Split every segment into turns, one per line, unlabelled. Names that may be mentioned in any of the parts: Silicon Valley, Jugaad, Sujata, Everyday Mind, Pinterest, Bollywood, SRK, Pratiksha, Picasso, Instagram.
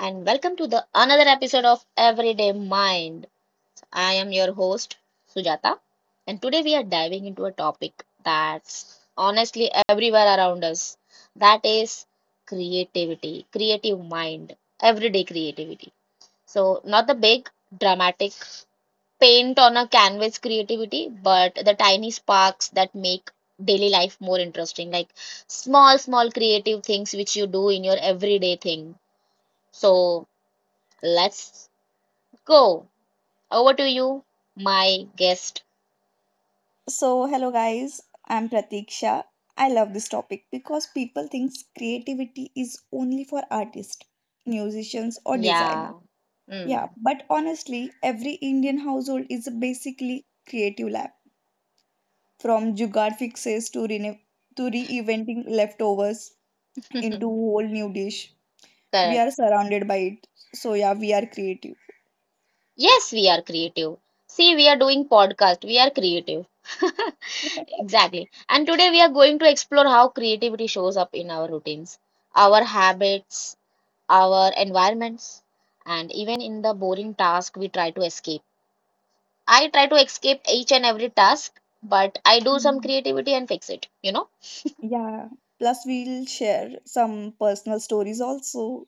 And welcome to the another episode of Everyday Mind. I am your host Sujata, and today we are diving into a topic that's honestly everywhere around us. That is creativity, creative mind, everyday creativity. So not the big dramatic paint on a canvas creativity, but the tiny sparks that make daily life more interesting, like small small creative things which you do in your everyday thing. So let's go. Over to you, my guest.
So, hello guys, I'm Pratiksha. I love this topic because people think creativity is only for artists, musicians, or designers.
Yeah.
Yeah,
Mm.
but honestly, every Indian household is basically creative lab from jugaad fixes to reinventing leftovers into whole new dish. We
Correct.
are surrounded by it. So, yeah, we are creative.
Yes, we are creative. See, we are doing podcast. We are creative. Exactly. And today we are going to explore how creativity shows up in our routines, our habits, our environments, and even in the boring task we try to escape. I try to escape each and every task, but I do some
Hmm.
creativity and fix it, you know?
Yeah. Plus, we'll share some personal stories also.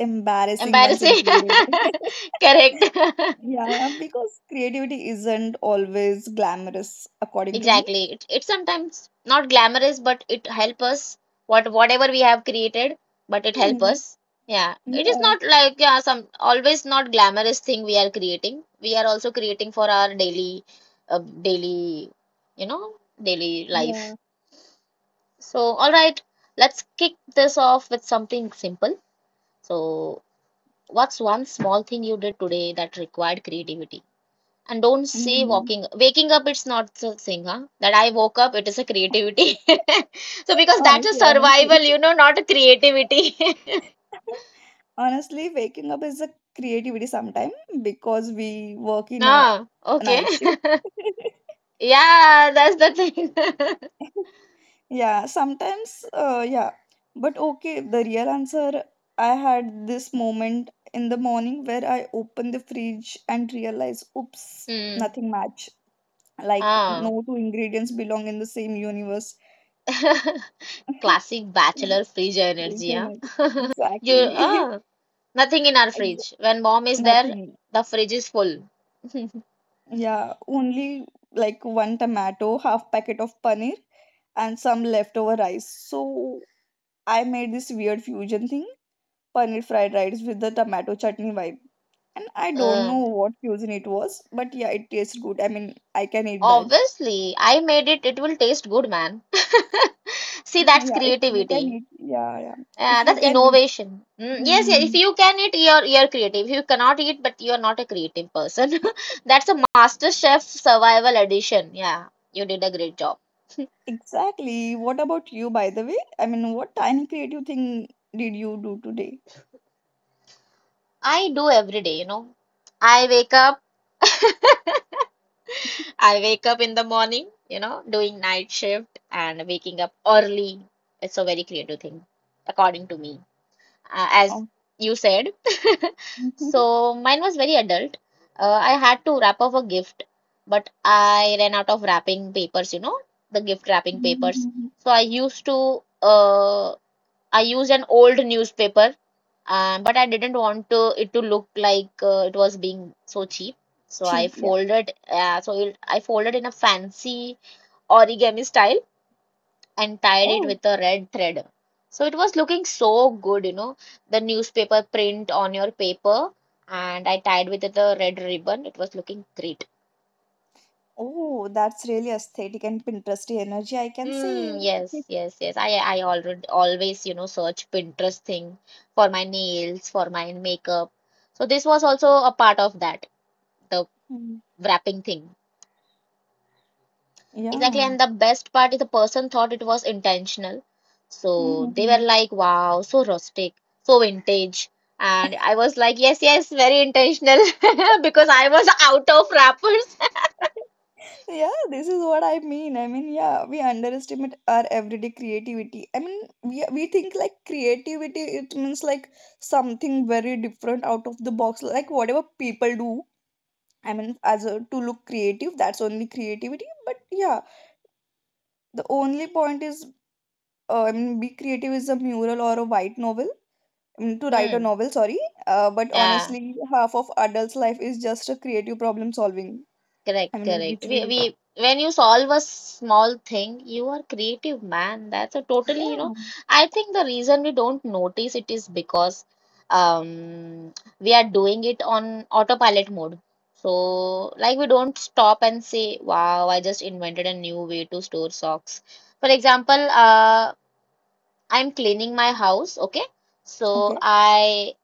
Embarrassing ones
Embarrassing.
included.
Correct.
Yeah, yeah, because creativity isn't always glamorous, according to me.
Exactly. It's sometimes not glamorous, but it help us what whatever we have created, but it help
Hmm.
us. Yeah. It is
Yeah,
not like yeah, some always not glamorous thing we are creating. We are also creating for our daily daily you know, daily life.
yeah.
So all right, let's kick this off with something simple. So what's one small thing you did today that required creativity? And don't say
Hmm.
walking, waking up, it's not the thing, huh? That I woke up, it is a creativity. So, because that's a
Honestly,
survival,
honestly.
you know, not a creativity.
Honestly, waking up is a creativity sometime because we work in a
Ah, okay.
night shift.
Yeah, that's the thing.
Yeah, sometimes, yeah. But okay, the real answer, I had this moment in the morning where I opened the fridge and realized, oops,
Hmm.
nothing match. Like,
Ah.
no two ingredients belong in the same universe.
Classic bachelor fridge
Fridge
energy, huh?
and
You,
exactly.
ah, nothing in our
Exa-
fridge. When mom is there,
Nothing.
the fridge is full.
Yeah, only like one tomato, half packet of paneer, and some leftover rice. So I made this weird fusion thing, paneer fried rice with the tomato chutney vibe. And I don't
Uh,
know what cuisine it was, but yeah, it tastes good. I mean, I can eat that.
Obviously, I made it, it will taste good, man. See, that's
Yeah, if you can
creativity.
eat, yeah, yeah. If
Yeah,
you
that's
can eat.
innovation. Mm,
Hmm,
yes,
hmm,
yeah.
hmm.
If you can eat, you're creative. If you cannot eat, but you're not a creative person, that's a Master Chef Survival Edition. Yeah, you did a great job.
Exactly. What about you, by the way? I mean, what tiny creative thing did you do today?
I do every day, you know. I wake up. I wake up in the morning, you know, doing night shift and waking up early. It's a very creative thing, according to me. As
Oh.
you said. So mine was very adult. I had to wrap up a gift, but I ran out of wrapping papers, you know, the gift wrapping papers. So I used an old newspaper, but I didn't want to, it to look like it was being so cheap. So
Cheap, yeah.
I folded in a fancy origami style and tied it
Oh,
with a red thread. So it was looking so good, you know, the newspaper print on your paper, and I tied with it a red ribbon. It was looking great.
oh, that's really aesthetic and Pinteresty energy, I can say.
Hmm, yes, yes, yes. I already always, you know, search Pinterest thing for my nails, for my makeup. So this was also a part of that, the
Mm.
wrapping thing. Exactly,
Yeah.
and the best part is the person thought it was intentional. So they were
Mhm.
like, wow, so rustic, so vintage. And I was like, yes, yes, very intentional, because I was out of wrappers.
Yeah, this is what I mean. yeah, we underestimate our everyday creativity. I mean, we think like creativity it means like something very different out of the box, like whatever people do. I mean, as a to look creative, that's only creativity. But yeah, the only point is I mean, be creative is a mural or a white novel. I mean, to write a
Hmm.
novel, sorry, but
Yeah.
honestly half of adults life is just a creative problem solving.
Correct,
I mean,
correct.
which we,
When you solve a small thing, you are creative, man. That's a totally, you
yeah,
know, I think the reason we don't notice it is because um, we are doing it on autopilot mode. So, like, we don't stop and say, wow, I just invented a new way to store socks. For example, I'm cleaning my house, okay? So,
okay.
I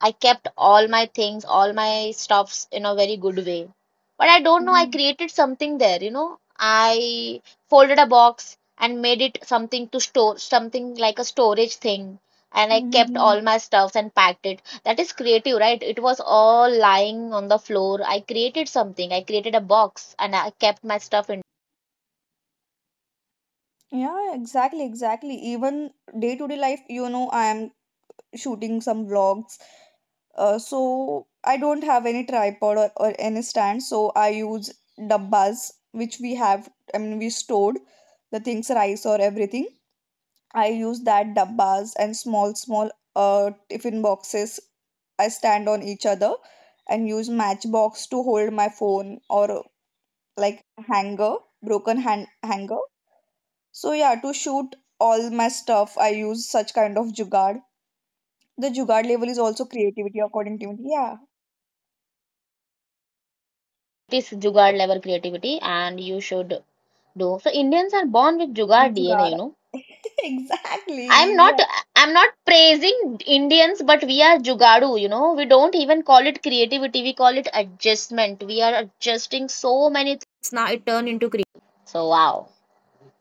I kept all my things, all my stuffs in a very good way. But I don't know, I created something there, you know. I folded a box and made it something to store, something like a storage thing. And I kept
Mm-hmm.
all my stuffs and packed it. That is creative, right? It was all lying on the floor. I created something. I created a box and I kept my stuff in.
Yeah, exactly, exactly. Even day-to-day life, you know, I am shooting some vlogs. So I don't have any tripod or any stand, so I use dabbas, which we have, I mean, we stored the things, rice or everything. I use that dabbas and small tiffin boxes. I stand on each other and use matchbox to hold my phone or like hanger, broken hand hanger. So yeah, to shoot all my stuff, I use such kind of jugaad. The jugaad level is also creativity according to me. Yeah,
It is Jugaad level creativity, and you should do. So Indians are born with Jugaad
it's
DNA,
jugaad.
you know. I'm
Exactly.
not
Yeah.
I'm not praising Indians, but we are Jugadu, you know. We don't even call it creativity, we call it adjustment. We are adjusting so many things. Now it turned into So wow.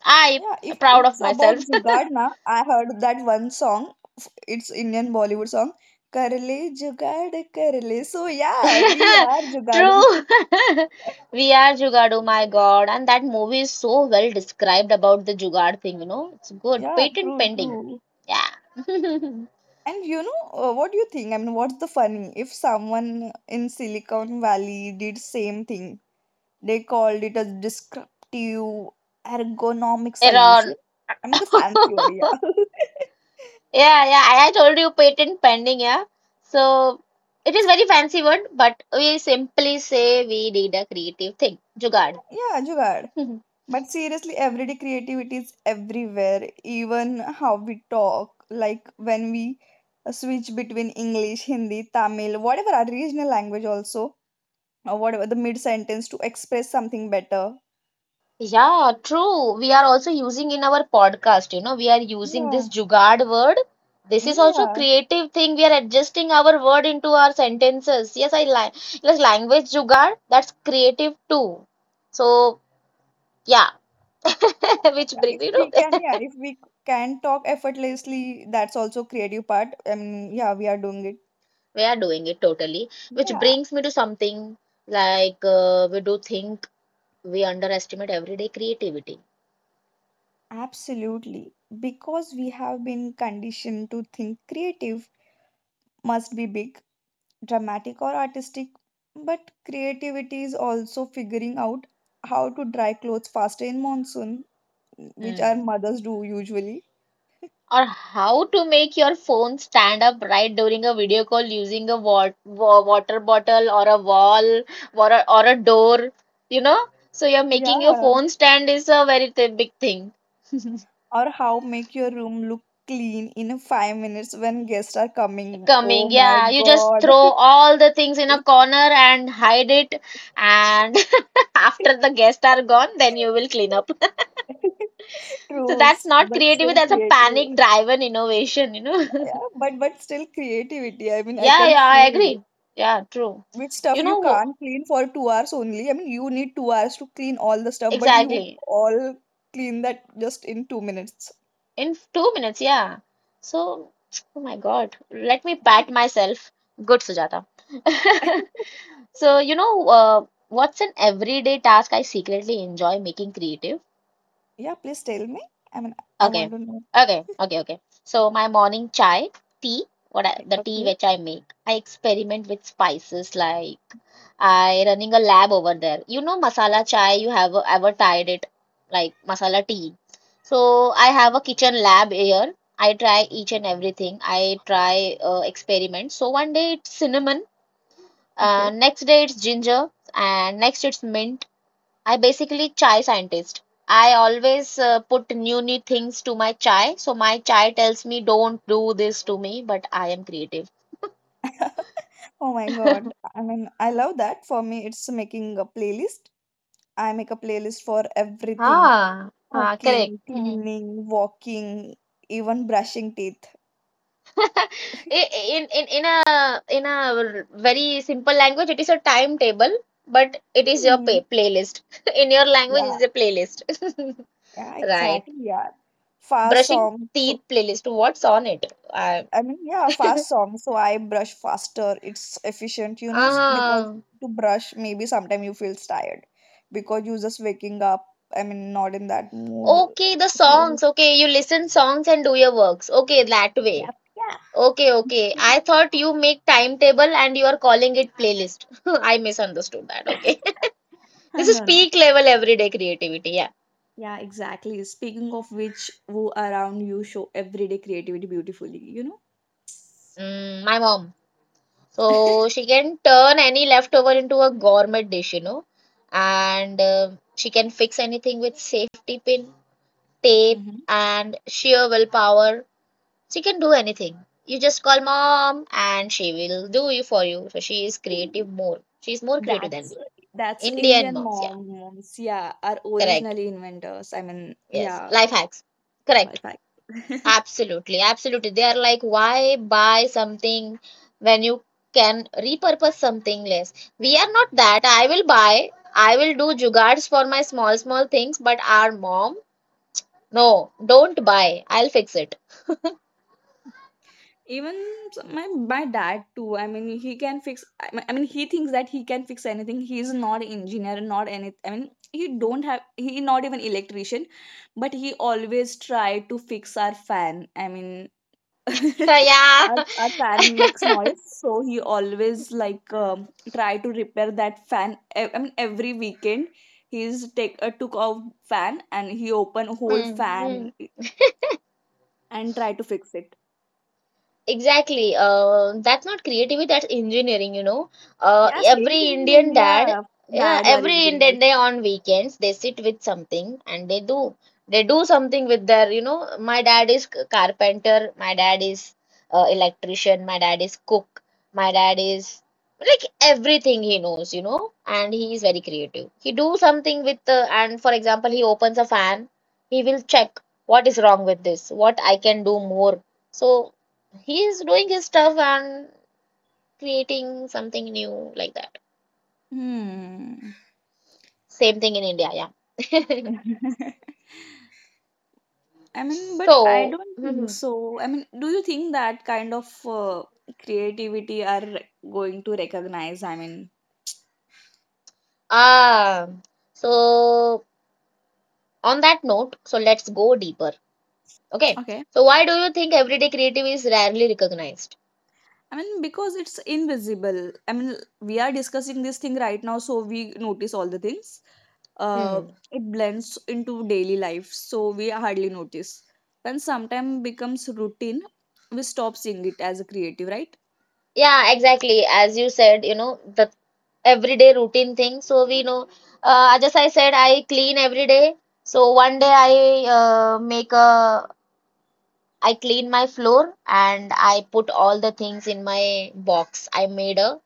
I
Yeah. If
proud of
it's about
myself.
jugaad na, I heard that one song. It's Indian Bollywood song. Kar le jugaad kar le. So yeah, we are jugaad.
True. We are Jugaadu, my God. And that movie is so well described about the Jugaad thing, you know. It's good.
Yeah,
Patent
true,
pending.
true.
Yeah.
And you know, what do you think? I mean, what's the funny if someone in Silicon Valley did same thing? They called it a descriptive ergonomic solution.
Error.
I'm the fancy word, yeah.
Yeah, yeah. I told you patent pending, yeah. So it is very fancy word, but we simply say we did a creative thing. Jugaad.
Yeah, jugad. But seriously, everyday creativity is everywhere, even how we talk. Like when we switch between English, Hindi, Tamil, whatever our regional language also, or whatever the mid sentence to express something better.
Yeah, true. We are also using in our podcast, you know, we are using this
Yeah.
jugaad word. This
Mm.
is also
Yeah.
creative thing. We are adjusting our word into our sentences. Yes, I like language jugaad. That's creative too. So yeah, which
Yeah, if
brings you know
we can, yeah, if we can talk effortlessly, that's also creative part. Yeah, we are doing it.
we are doing it totally. Which
Yeah,
brings me to something like we do think we underestimate everyday creativity.
absolutely, because we have been conditioned to think creative must be big dramatic or artistic, but creativity is also figuring out how to dry clothes faster in monsoon, which our
Hmm.
mothers do usually.
Or how to make your phone stand upright during a video call using a water bottle or a wall or a door, you know. So you're making your
Yeah.
phone stand is a very big thing
Or how make your room look clean in 5 minutes when guests are coming. Oh
coming.
my
Yeah, you just
god.
throw all the things in a corner and hide it, and after the guests are gone, then you will clean up. So
True,
that's not
but
creativity,
still
that's a
creative.
panic driven innovation, you know.
Yeah, but still creativity. I mean, I
Yeah,
can
yeah, I
see
agree, yeah, true,
which
you
stuff you
know,
can't clean for 2 hours only. I mean, you need 2 hours to clean all the stuff, but you
exactly.
all clean that just in 2 minutes.
In two minutes, yeah. So, oh my God, let me pat myself. Good, Sujata. So, you know, what's an everyday task I secretly enjoy making creative?
Yeah, please tell me. I mean, I
Okay,
want to know.
okay, okay, okay. So my morning chai, tea, what I, the tea
Okay.
which I make, I experiment with spices like I running a lab over there. You know masala chai, you have ever tried it like masala tea. So I have
No,
a kitchen lab here. I try each and everything. I try experiments. So one day it's cinnamon,
okay.
next day it's ginger, and next it's mint. I basically chai scientist. I always put new new things to my chai. So my chai tells me don't do this to me, but I am creative.
Oh my God. I mean, I love that. For me, it's making a playlist. I make a playlist for everything.
Ah, ah, correct.
Cooking,
Hmm.
cleaning, walking, even brushing teeth.
In a in a very simple language, it is a timetable, but it is your
Hmm.
pay playlist. In your language,
Yeah,
is a playlist.
yeah,
Right.
exactly. Yeah, fast
Brushing
song. So
teeth playlist. What's on it? I,
I mean, yeah, fast song. So I brush faster. It's efficient, you know, because
uh-huh.
to brush, maybe sometimes you feel tired because you're just waking up. I mean, not in that mood.
Okay, the
So
songs. Okay, you listen songs and do your works. Okay, that way.
yep. Yeah.
Okay, okay. I thought you make timetable and you are calling it playlist. I misunderstood that. Okay. This is
No, no.
peak level everyday creativity. Yeah.
Yeah, exactly. Speaking of which, who around you show everyday creativity beautifully, you know?
Mm, my mom. So she can turn any leftover into a gourmet dish, you know. And she can fix anything with safety pin, tape,
Hmm.
and sheer willpower. She can do anything. You just call mom and she will do you for you. So she is creative more. She is more creative than
That's
me.
that's
Indian
Indian
moms, yeah.
mom moms, yeah, are
Correct.
originally inventors. I mean,
Yes.
yeah,
Life hacks.
in
Correct.
fact,
Absolutely. Absolutely. They are like, why buy something when you can repurpose something less? We are not that. I will buy. I will do jugards for my small, small things, but our mom, no, don't buy. I'll fix it.
even s- my my dad too. I mean, he can fix. I mean, he thinks that he can fix anything. He's not engineer, not any. I mean, he don't have. He not even electrician, but he always try to fix our fan. I mean,
So yeah.
our, our fan makes noise, so he always like try to repair that fan I mean every weekend he's take took off fan and he open whole
Mm,
fan
mm.
and try to fix it.
Exactly. That's not creativity, that's engineering, you know.
Yeah, same
Every
thing in
Indian
India,
dad, yeah,
dads are
every Indian
engineers.
day on weekends, they sit with something and they do. They do something with their, you know, my dad is carpenter, my dad is electrician, my dad is cook, my dad is like everything he knows, you know, and he is very creative. He do something with, and for example, he opens a fan, he will check what is wrong with this, what I can do more. So he is doing his stuff and creating something new like that.
Hmm.
Same thing in India, yeah.
I mean, but I don't
So,
think
mhm.
so. I mean, do you think that kind of creativity are going to recognize? I mean,
Ah, so on that note, so let's go deeper. Okay.
okay,
So why do you think everyday creative is rarely recognized?
I mean, because it's invisible. I mean, we are discussing this thing right now, so we notice all the things. Uh,
Hmm.
it blends into daily life, so we hardly notice. When sometime becomes routine, we stop seeing it as a creative, right?
Yeah, exactly. As you said, you know, the everyday routine thing. So we know, just I said I clean every day. So one day I make a I clean my floor and I put all the things in my box. I made a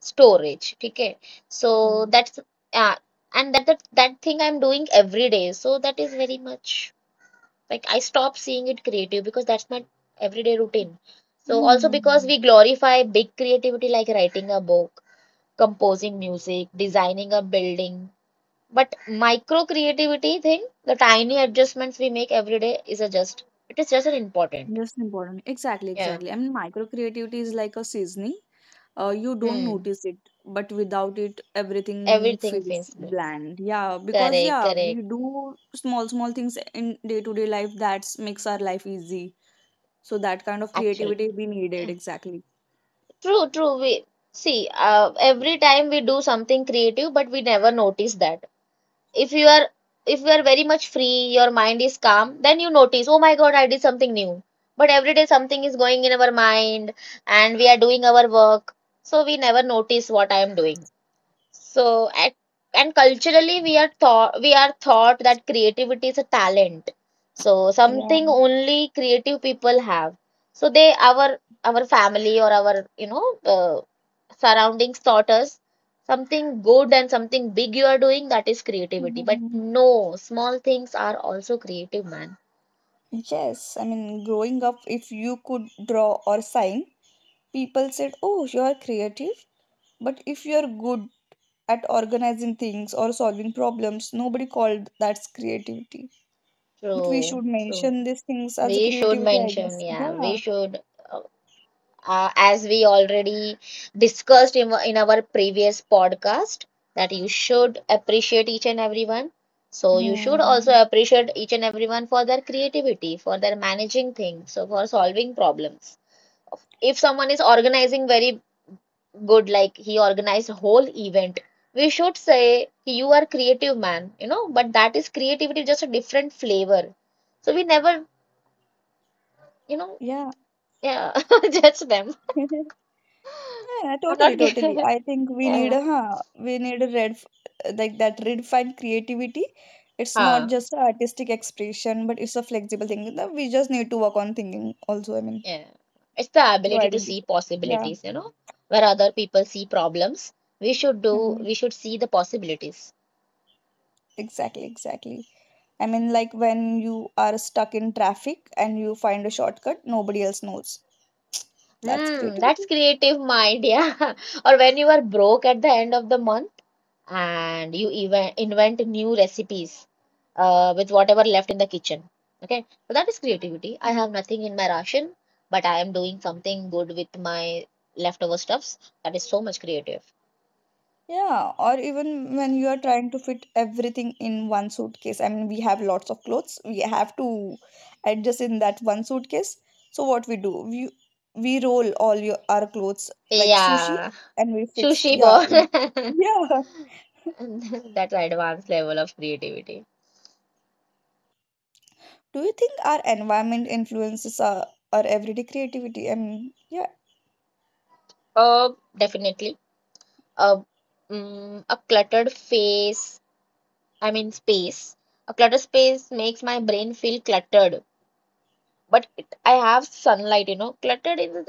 storage. Okay. So
Mm.
that's uh, that that thing I'm doing every day. So that is very much like I stop seeing it creative because that's my everyday routine. So also because
Mm-hmm.
we glorify big creativity like writing a book, composing music, designing a building. But micro creativity thing, the tiny adjustments we make every day is a just it is just an important.
That's important. Exactly,
Yeah.
exactly. I mean, micro creativity is like a seasoning. You don't
Hmm.
notice it, but without it everything
Everything
feels
feels good.
bland. Yeah, because
Correct,
yeah, we
correct.
do small things in day to day life that makes our life easy, so that kind of creativity
Actually,
we
yeah.
needed. Exactly.
True, true. We see, every time we do something creative, but we never notice that. If you are, if you are very much free, your mind is calm, then you notice, oh my God, I did something new. But every day something is going in our mind, and we are doing our work, so we never notice what I am doing. So, and culturally, we are taught that creativity is a talent. So,
Yeah.
something only creative people have. So, they our family or our surroundings taught us something good and something big you are doing, that is creativity. But
Mhm.
no, small things are also creative, man.
Yes, I mean, growing up, if you could draw or sign, people said, Oh, you are creative. But if you are good at organizing things or solving problems, nobody called that's creativity. But we
True,
should
true.
mention these things as a
We should
creativity, I
mention,
guess.
yeah, we
Yeah.
should. uh, as we already discussed in our previous podcast, that you should appreciate each and everyone, so you should also
Hmm.
appreciate each and everyone for their creativity, for their managing things, so for solving problems. If someone is organizing very good, like he organized a whole event, we should say you are creative, man, you know. But that is creativity, just a different flavor. So we never, you know
Yeah.
yeah, judge them.
Yeah,
I'm not
totally, totally. I think we need
yeah.
a huh, we need a red like that redefined creativity. It's not
Huh.
just a artistic expression, but it's a flexible thing. That we just need to work on thinking also. I mean,
Yeah. It's the
to
ability to see
identify. Yeah.
possibilities, you know, where other people see problems,
Hmm.
we should see the possibilities.
Exactly, exactly. I mean, like when you are stuck in traffic and you find a shortcut, nobody else knows. That's
Hmm, that's
creativity.
creative mind, yeah. Or when you are broke at the end of the month and you even invent new recipes with whatever left in the kitchen. Okay, so that is creativity. I
Hmm.
have nothing in my ration, but I am doing something good with my leftover stuffs. That is so much creative.
Yeah, or even when you are trying to fit everything in one suitcase. I mean, we have lots of clothes. We have to adjust in that one suitcase. So what we do? We roll all your our clothes like sushi
Yeah,
and we fixed.
sushi
Yeah.
ball.
Yeah.
And that's an advanced level of creativity.
Do you think our environment influences our everyday creativity? I mean, yeah.
Uh, definitely. Uh, a cluttered face, I mean space. A cluttered space makes my brain feel cluttered, but it, I have sunlight, you know. Cluttered is,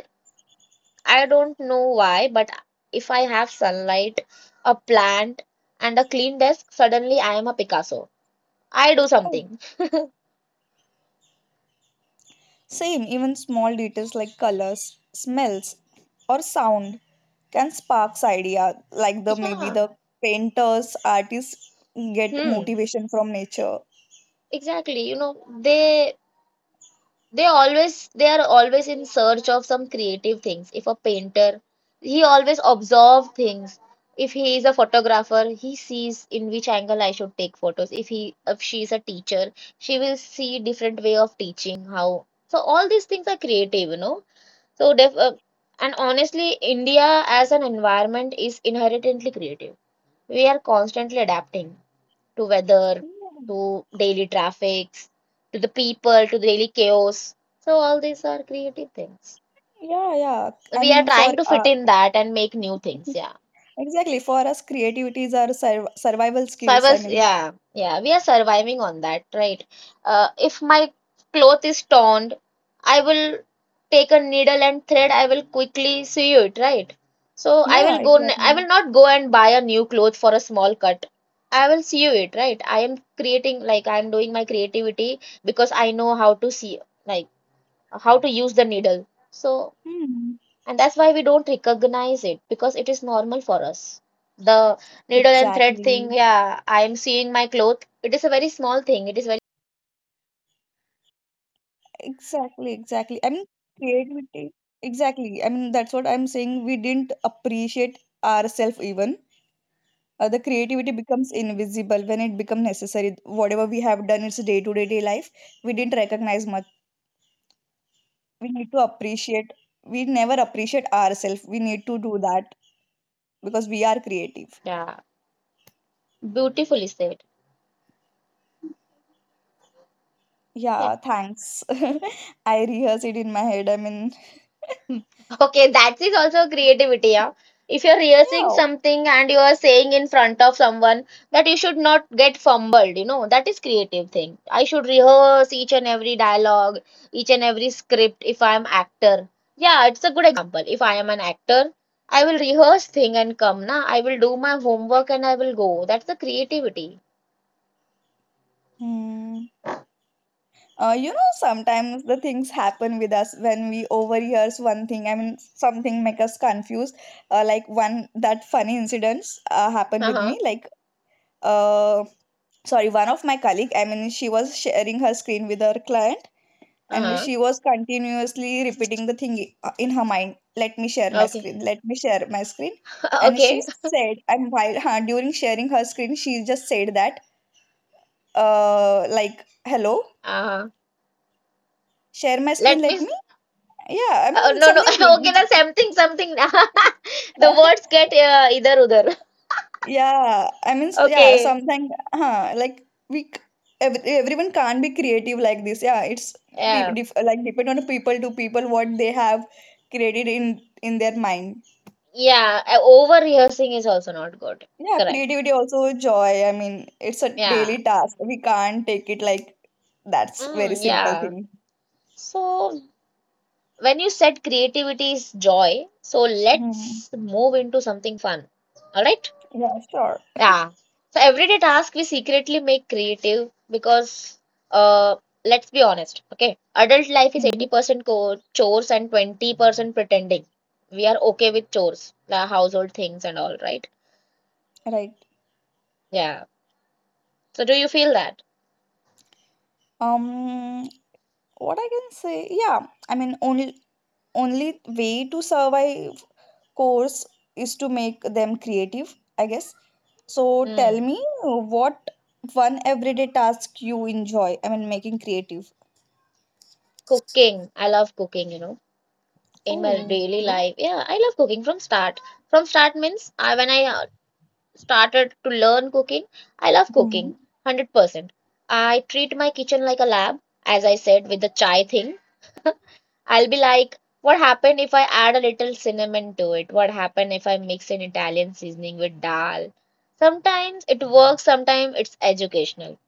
I don't know why, but if I have sunlight, a plant, and a clean desk, suddenly I am a Picasso. I do
Oh.
something.
Same, even small details like colors, smells, or sound can sparks idea, like the maybe
Yeah.
the painters artists get
Hmm.
motivation from nature.
Exactly. You know, they are always in search of some creative things. If a painter, he always observe things. If he is a photographer, he sees in which angle I should take photos. If she is a teacher, she will see different way of teaching how. So all these things are creative, you know. So and honestly, India as an environment is inherently creative. We are constantly adapting to weather,
Yeah,
to daily traffics, to the people, to the daily chaos. So all these are creative things.
yeah, yeah. I
We are
mean, for
trying to fit
uh,
in that and make new things. Yeah.
exactly, for us creativity is our survival
So I
skills. I
was,
mean,
yeah, yeah, we are surviving on that, right? If my cloth is torn, I will take a needle and thread, I will quickly sew it, right? So
yeah,
I
exactly.
will not go and buy a new cloth for a small cut. I will sew it, right? I am creating, like, I am doing my creativity because I know how to see, like, how to use the needle. So
Hmm.
and that's why we don't recognize it because it is normal for us. The needle and thread thing,
Exactly,
yeah, I am seeing my cloth. It is a very small thing. It is very
exactly, exactly. I mean creativity, exactly, I mean, that's what I'm saying, we didn't appreciate ourselves. Even the creativity becomes invisible when it becomes necessary. Whatever we have done, it's day to day life, we didn't recognize much. We need to appreciate. We never appreciate ourselves. We need to do that because we are creative.
Yeah, beautifully said. Yeah.
Yeah, thanks. I rehearse it in my head, I mean,
Hmm. Okay, that is also creativity, yeah. If you're rehearsing
yeah.
something and you are saying in front of someone that you should not get fumbled, you know, that is creative thing. I should rehearse each and every dialogue, each and every script if I'm actor. Yeah, it's a good example. If I am an actor, I will rehearse thing and come na. I will do my homework and I will go. That's the creativity.
Hmm. You know, sometimes the things happen with us when we overhears one thing. I mean, something make us confused. Like one that funny incidents happened with
Uh-huh.
me. Like uh, sorry, one of my colleague, I mean, she was sharing her screen with her client and
Uh-huh.
she was continuously repeating the thing in her mind, let me share my
Okay.
screen, let me share my screen. And she
Okay.
said, and while huh, during sharing her screen she just said that like, hello,
Uh-huh.
share my screen,
Let
let
me
me yeah, I
Uh,
mean,
no, no.
something
Okay,
which
na something, something. The words get either udar.
yeah, I mean, yeah,
Okay.
something, huh, like we, ev everyone can't be creative like this. Yeah, it's people
Yeah.
dif like depend on people to people what they have created in their mind.
Yeah. Over rehearsing is also not good.
Yeah,
Correct.
creativity also joy. I mean, it's a
Yeah.
daily task. We can't take it like that's very
Mm,
simple
yeah.
thing.
So when you said creativity is joy, so
Hmm.
let's move into something fun. All right.
Yeah, sure.
Yeah. So everyday task we secretly make creative, because uh let's be honest, okay? Adult life is
Hmm.
80% co chores and 20% pretending. We are okay with chores, the household things and all, right?
Right.
Yeah. So do you feel that?
Um, what I can say, yeah, I mean, only way to survive course is to make them creative, I guess. So tell
Hmm.
me what one everyday task you enjoy, I mean, making creative.
Cooking. I love cooking, you know. In my
Oh,
daily
yeah.
life. Yeah, I love cooking from start. From start means I when I started to learn cooking. I love
Hmm.
cooking 100%. I treat my kitchen like a lab, as I said with the chai thing. I'll be like, what happened if I add a little cinnamon to it? What happened if I mix an Italian seasoning with dal? Sometimes it works, sometimes it's educational.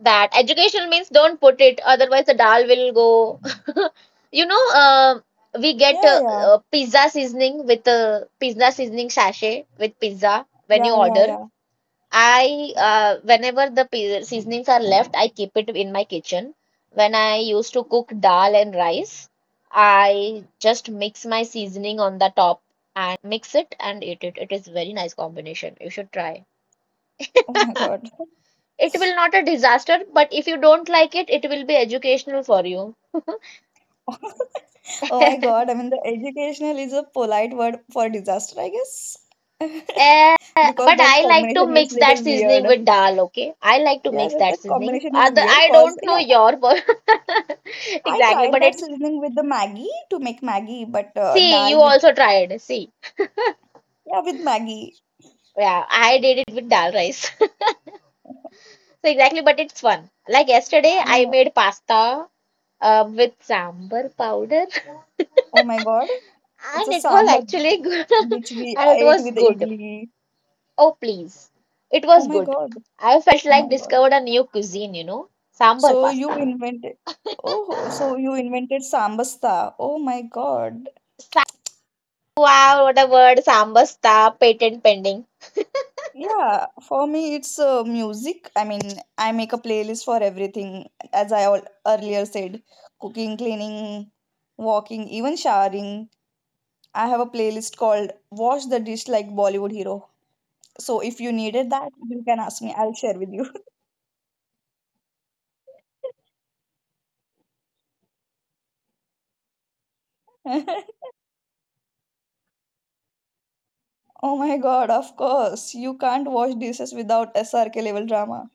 That educational means don't put it, otherwise the dal will go. You know, we get
Yeah, yeah,
pizza seasoning with pizza seasoning sachet with pizza when you
yeah, yeah,
order.
yeah.
I Whenever the seasonings are left, I keep it in my kitchen. When I used to cook dal and rice, I just mix my seasoning on the top and mix it and eat it. It is very nice combination. You should try.
Oh my God.
It will not a disaster, but if you don't like it will be educational for you.
Oh my God. I mean, the educational is a polite word for disaster, I guess, because
But
that
I like to
combination is
mix that
little
seasoning
weird.
with dal, okay? I like to
Yeah,
mix
that,
that
that
seasoning.
combination is
Other,
weird
I
because,
don't know
yeah,
your
I
exactly,
tried
but
that
it
seasoning with the Maggie to make Maggie, but
See,
dal
you
with,
also tried. See,
yeah, with Maggie.
yeah, I did it with dal rice. So exactly, but it's fun. Like yesterday, I
Yeah.
made pasta with sambar powder,
Oh my God, it's a
and it was
sambar
actually good.
which we
And it
ate
was
with the
good.
idli.
Oh, please, it
Oh
was
my
good.
God,
I felt
oh
like
my God.
discovered a new cuisine, you know, sambar
So you
pasta.
invented, oh, so you invented sambasta. Oh my God.
Sa- Wow, what a word! Sambar star, patent pending.
Yeah, for me it's music. I mean, I make a playlist for everything, as I al earlier said, cooking, cleaning, walking, even showering. I have a playlist called Wash the Dish Like Bollywood Hero. So if you needed that, you can ask me. I'll share with you. Oh my God, of course. You can't wash dishes without SRK level drama.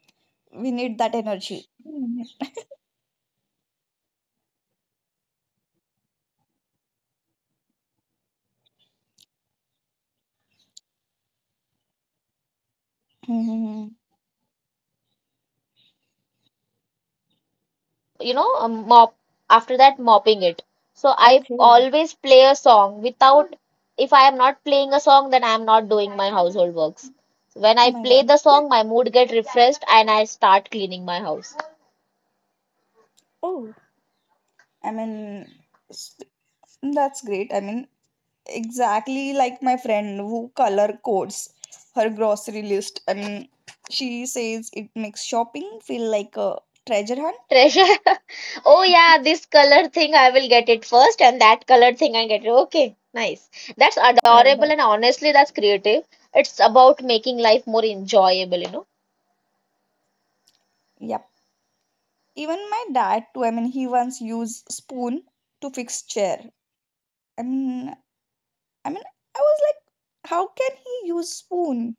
We need that energy. Mhm. Mhm.
You know, a mop after that mopping it. So I
Okay.
always play a song without, if I am not playing a song, then I am not doing my household works. When
Oh
I
my
play
God.
the song, my mood get refreshed and I start cleaning my house.
Oh, I mean, s- that's great. I mean, exactly like my friend who color codes her grocery list. I mean, she says it makes shopping feel like a treasure hunt.
Treasure. Oh yeah, this color thing I will get it first and that color thing I get it. Okay, nice. That's
Like
adorable
that.
and honestly that's creative. It's about making life more enjoyable, you know.
Yep. Even my dad, too. I mean, he once used spoon to fix chair. I mean, I mean, I was like, how can he use spoon?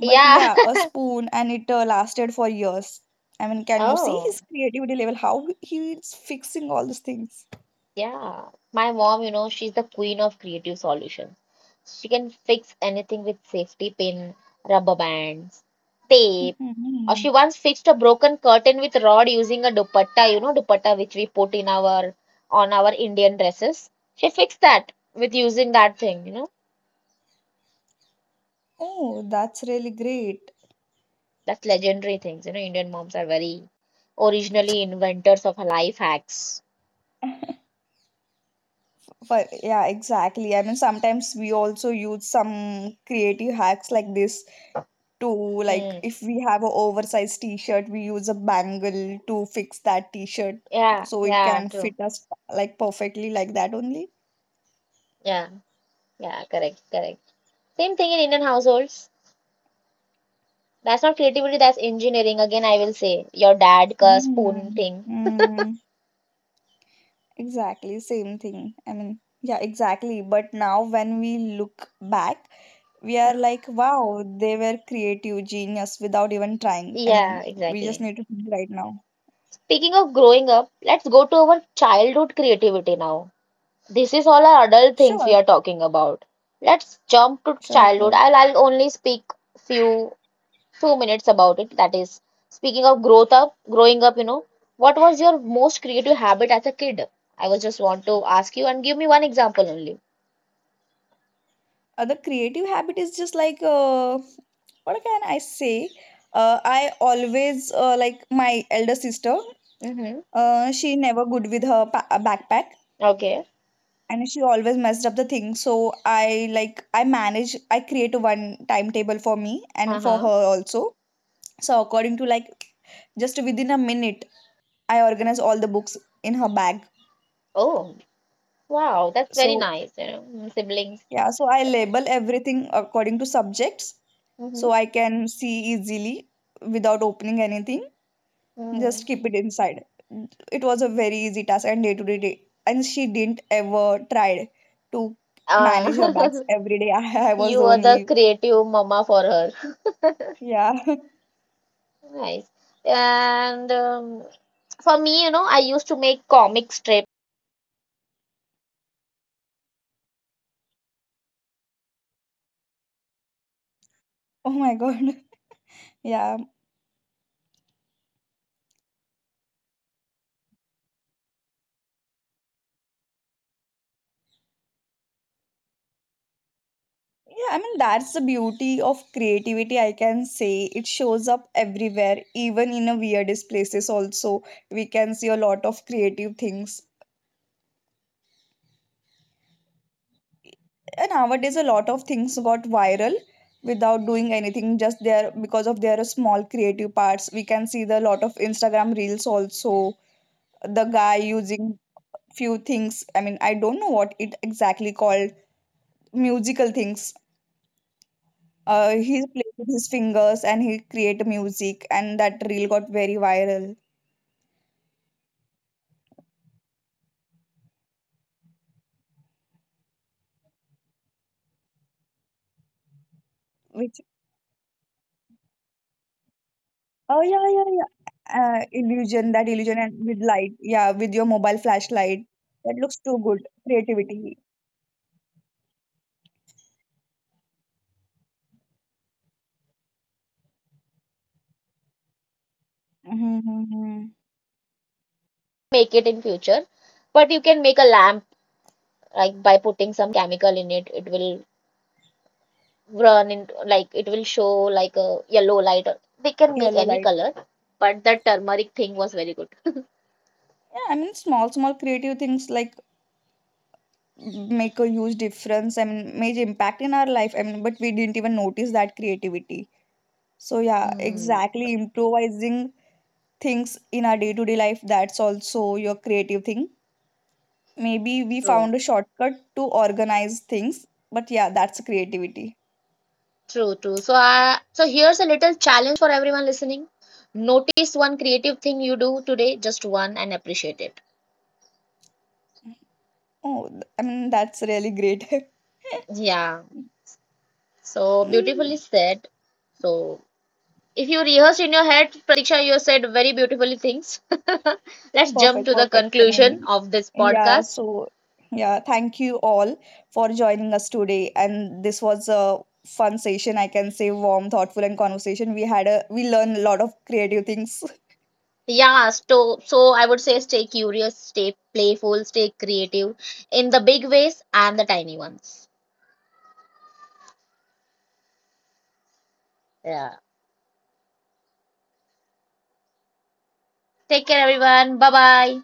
But
Yeah.
yeah, a spoon, and it lasted for years. I mean, can you see
Oh.
his creativity level? How he's fixing all these things.
Yeah, my mom, you know, she's the queen of creative solutions. She can fix anything with safety pin, rubber bands, tape, or she
Mhm.
once fixed a broken curtain with rod using a dupatta, you know, dupatta which we put in our on our Indian dresses. She fixed that with using that thing, you know.
Oh, that's really great.
That's legendary things, you know. Indian moms are very originally inventors of life hacks.
But yeah, exactly. I mean, sometimes we also use some creative hacks like this to, like,
Hmm.
if we have a oversized t-shirt, we use a bangle to fix that t-shirt
Yeah,
so it
yeah,
can
true.
fit us like perfectly like that only.
Yeah, yeah, correct, correct. Same thing in Indian households. That's not creativity, that's engineering. Again, I will say your dad ka spoon
Mm,
thing.
mm, exactly, same thing. I mean, yeah, exactly. But now when we look back, we are
Hmm.
like, wow, they were creative genius without even trying. I
Yeah,
mean, we just
exactly.
need to think right now.
Speaking of growing up, let's go to our childhood creativity now. This is all our adult things we
Sure,
are talking about. Let's jump to
sure,
childhood.
sure.
I'll only speak few few minutes about it. That is, speaking of growing up, you know, what was your most creative habit as a kid? I was just want to ask you and give me one example only.
The creative habit is just like, what can I say? I always, like my elder sister.
Mm-hmm.
She never good with her backpack,
Okay.
and she always messed up the thing. So I, like, I create a one timetable for me and for
Uh-huh.
her also. So according to, like, just within a minute, I organize all the books in her bag,
Oh, wow, that's very
so
nice, you know, mm, siblings.
yeah. So I label everything according to subjects,
Mm-hmm.
so I can see easily without opening anything, just
Mm.
keep it inside. It was a very easy task, and day to day, and she didn't ever tried to manage her bags
Uh,
every day. I was
you
the
were the
only.
creative mama for her.
Yeah.
Nice. And for me, you know, I used to make comic strips.
Oh my God. Yeah. Yeah. I mean, that's the beauty of creativity, I can say. It shows up everywhere, even in the weirdest places, also. We can see a lot of creative things. And nowadays, a lot of things got viral without doing anything, just there because of their small creative parts. We can see the lot of Instagram reels also. The guy using few things. I mean, I don't know what it exactly called, musical things. He played with his fingers and he created music, and that reel got very viral. Which, oh, yeah, yeah, yeah, illusion, that illusion, and with light, yeah, with your mobile flashlight. That looks too good. Creativity. Mm-hmm. Mm-hmm.
Make it in future, but you can make a lamp, like by putting some chemical in it. It will run in, like it will show like a yellow light. They can make
Yellow
any
light.
color, but the turmeric thing was very good.
Yeah, I mean small small creative things like make a huge difference. I mean major impact in our life. I mean, but we didn't even notice that creativity. So yeah,
Hmm,
exactly, improvising things in our day to day life, that's also your creative thing. Maybe we
True.
found a shortcut to organize things. But yeah, that's creativity.
True, true. So here's a little challenge for everyone listening. Notice one creative thing you do today, just one, and appreciate it.
Oh, I mean, that's really great.
Yeah. So beautifully
Mm.
said. So if you rehearse in your head, Pratiksha, you said very beautiful things. Let's jump
Perfect,
to the
perfect. I
conclusion
mean,
of this
yeah,
podcast.
so yeah, thank you all for joining us today. And this was a fun session, I can say, warm, thoughtful, and conversation. We had a we learned a lot of creative things.
Yeah, so I would say stay curious, stay playful, stay creative in the big ways and the tiny ones. Yeah. Take care, everyone. Bye bye.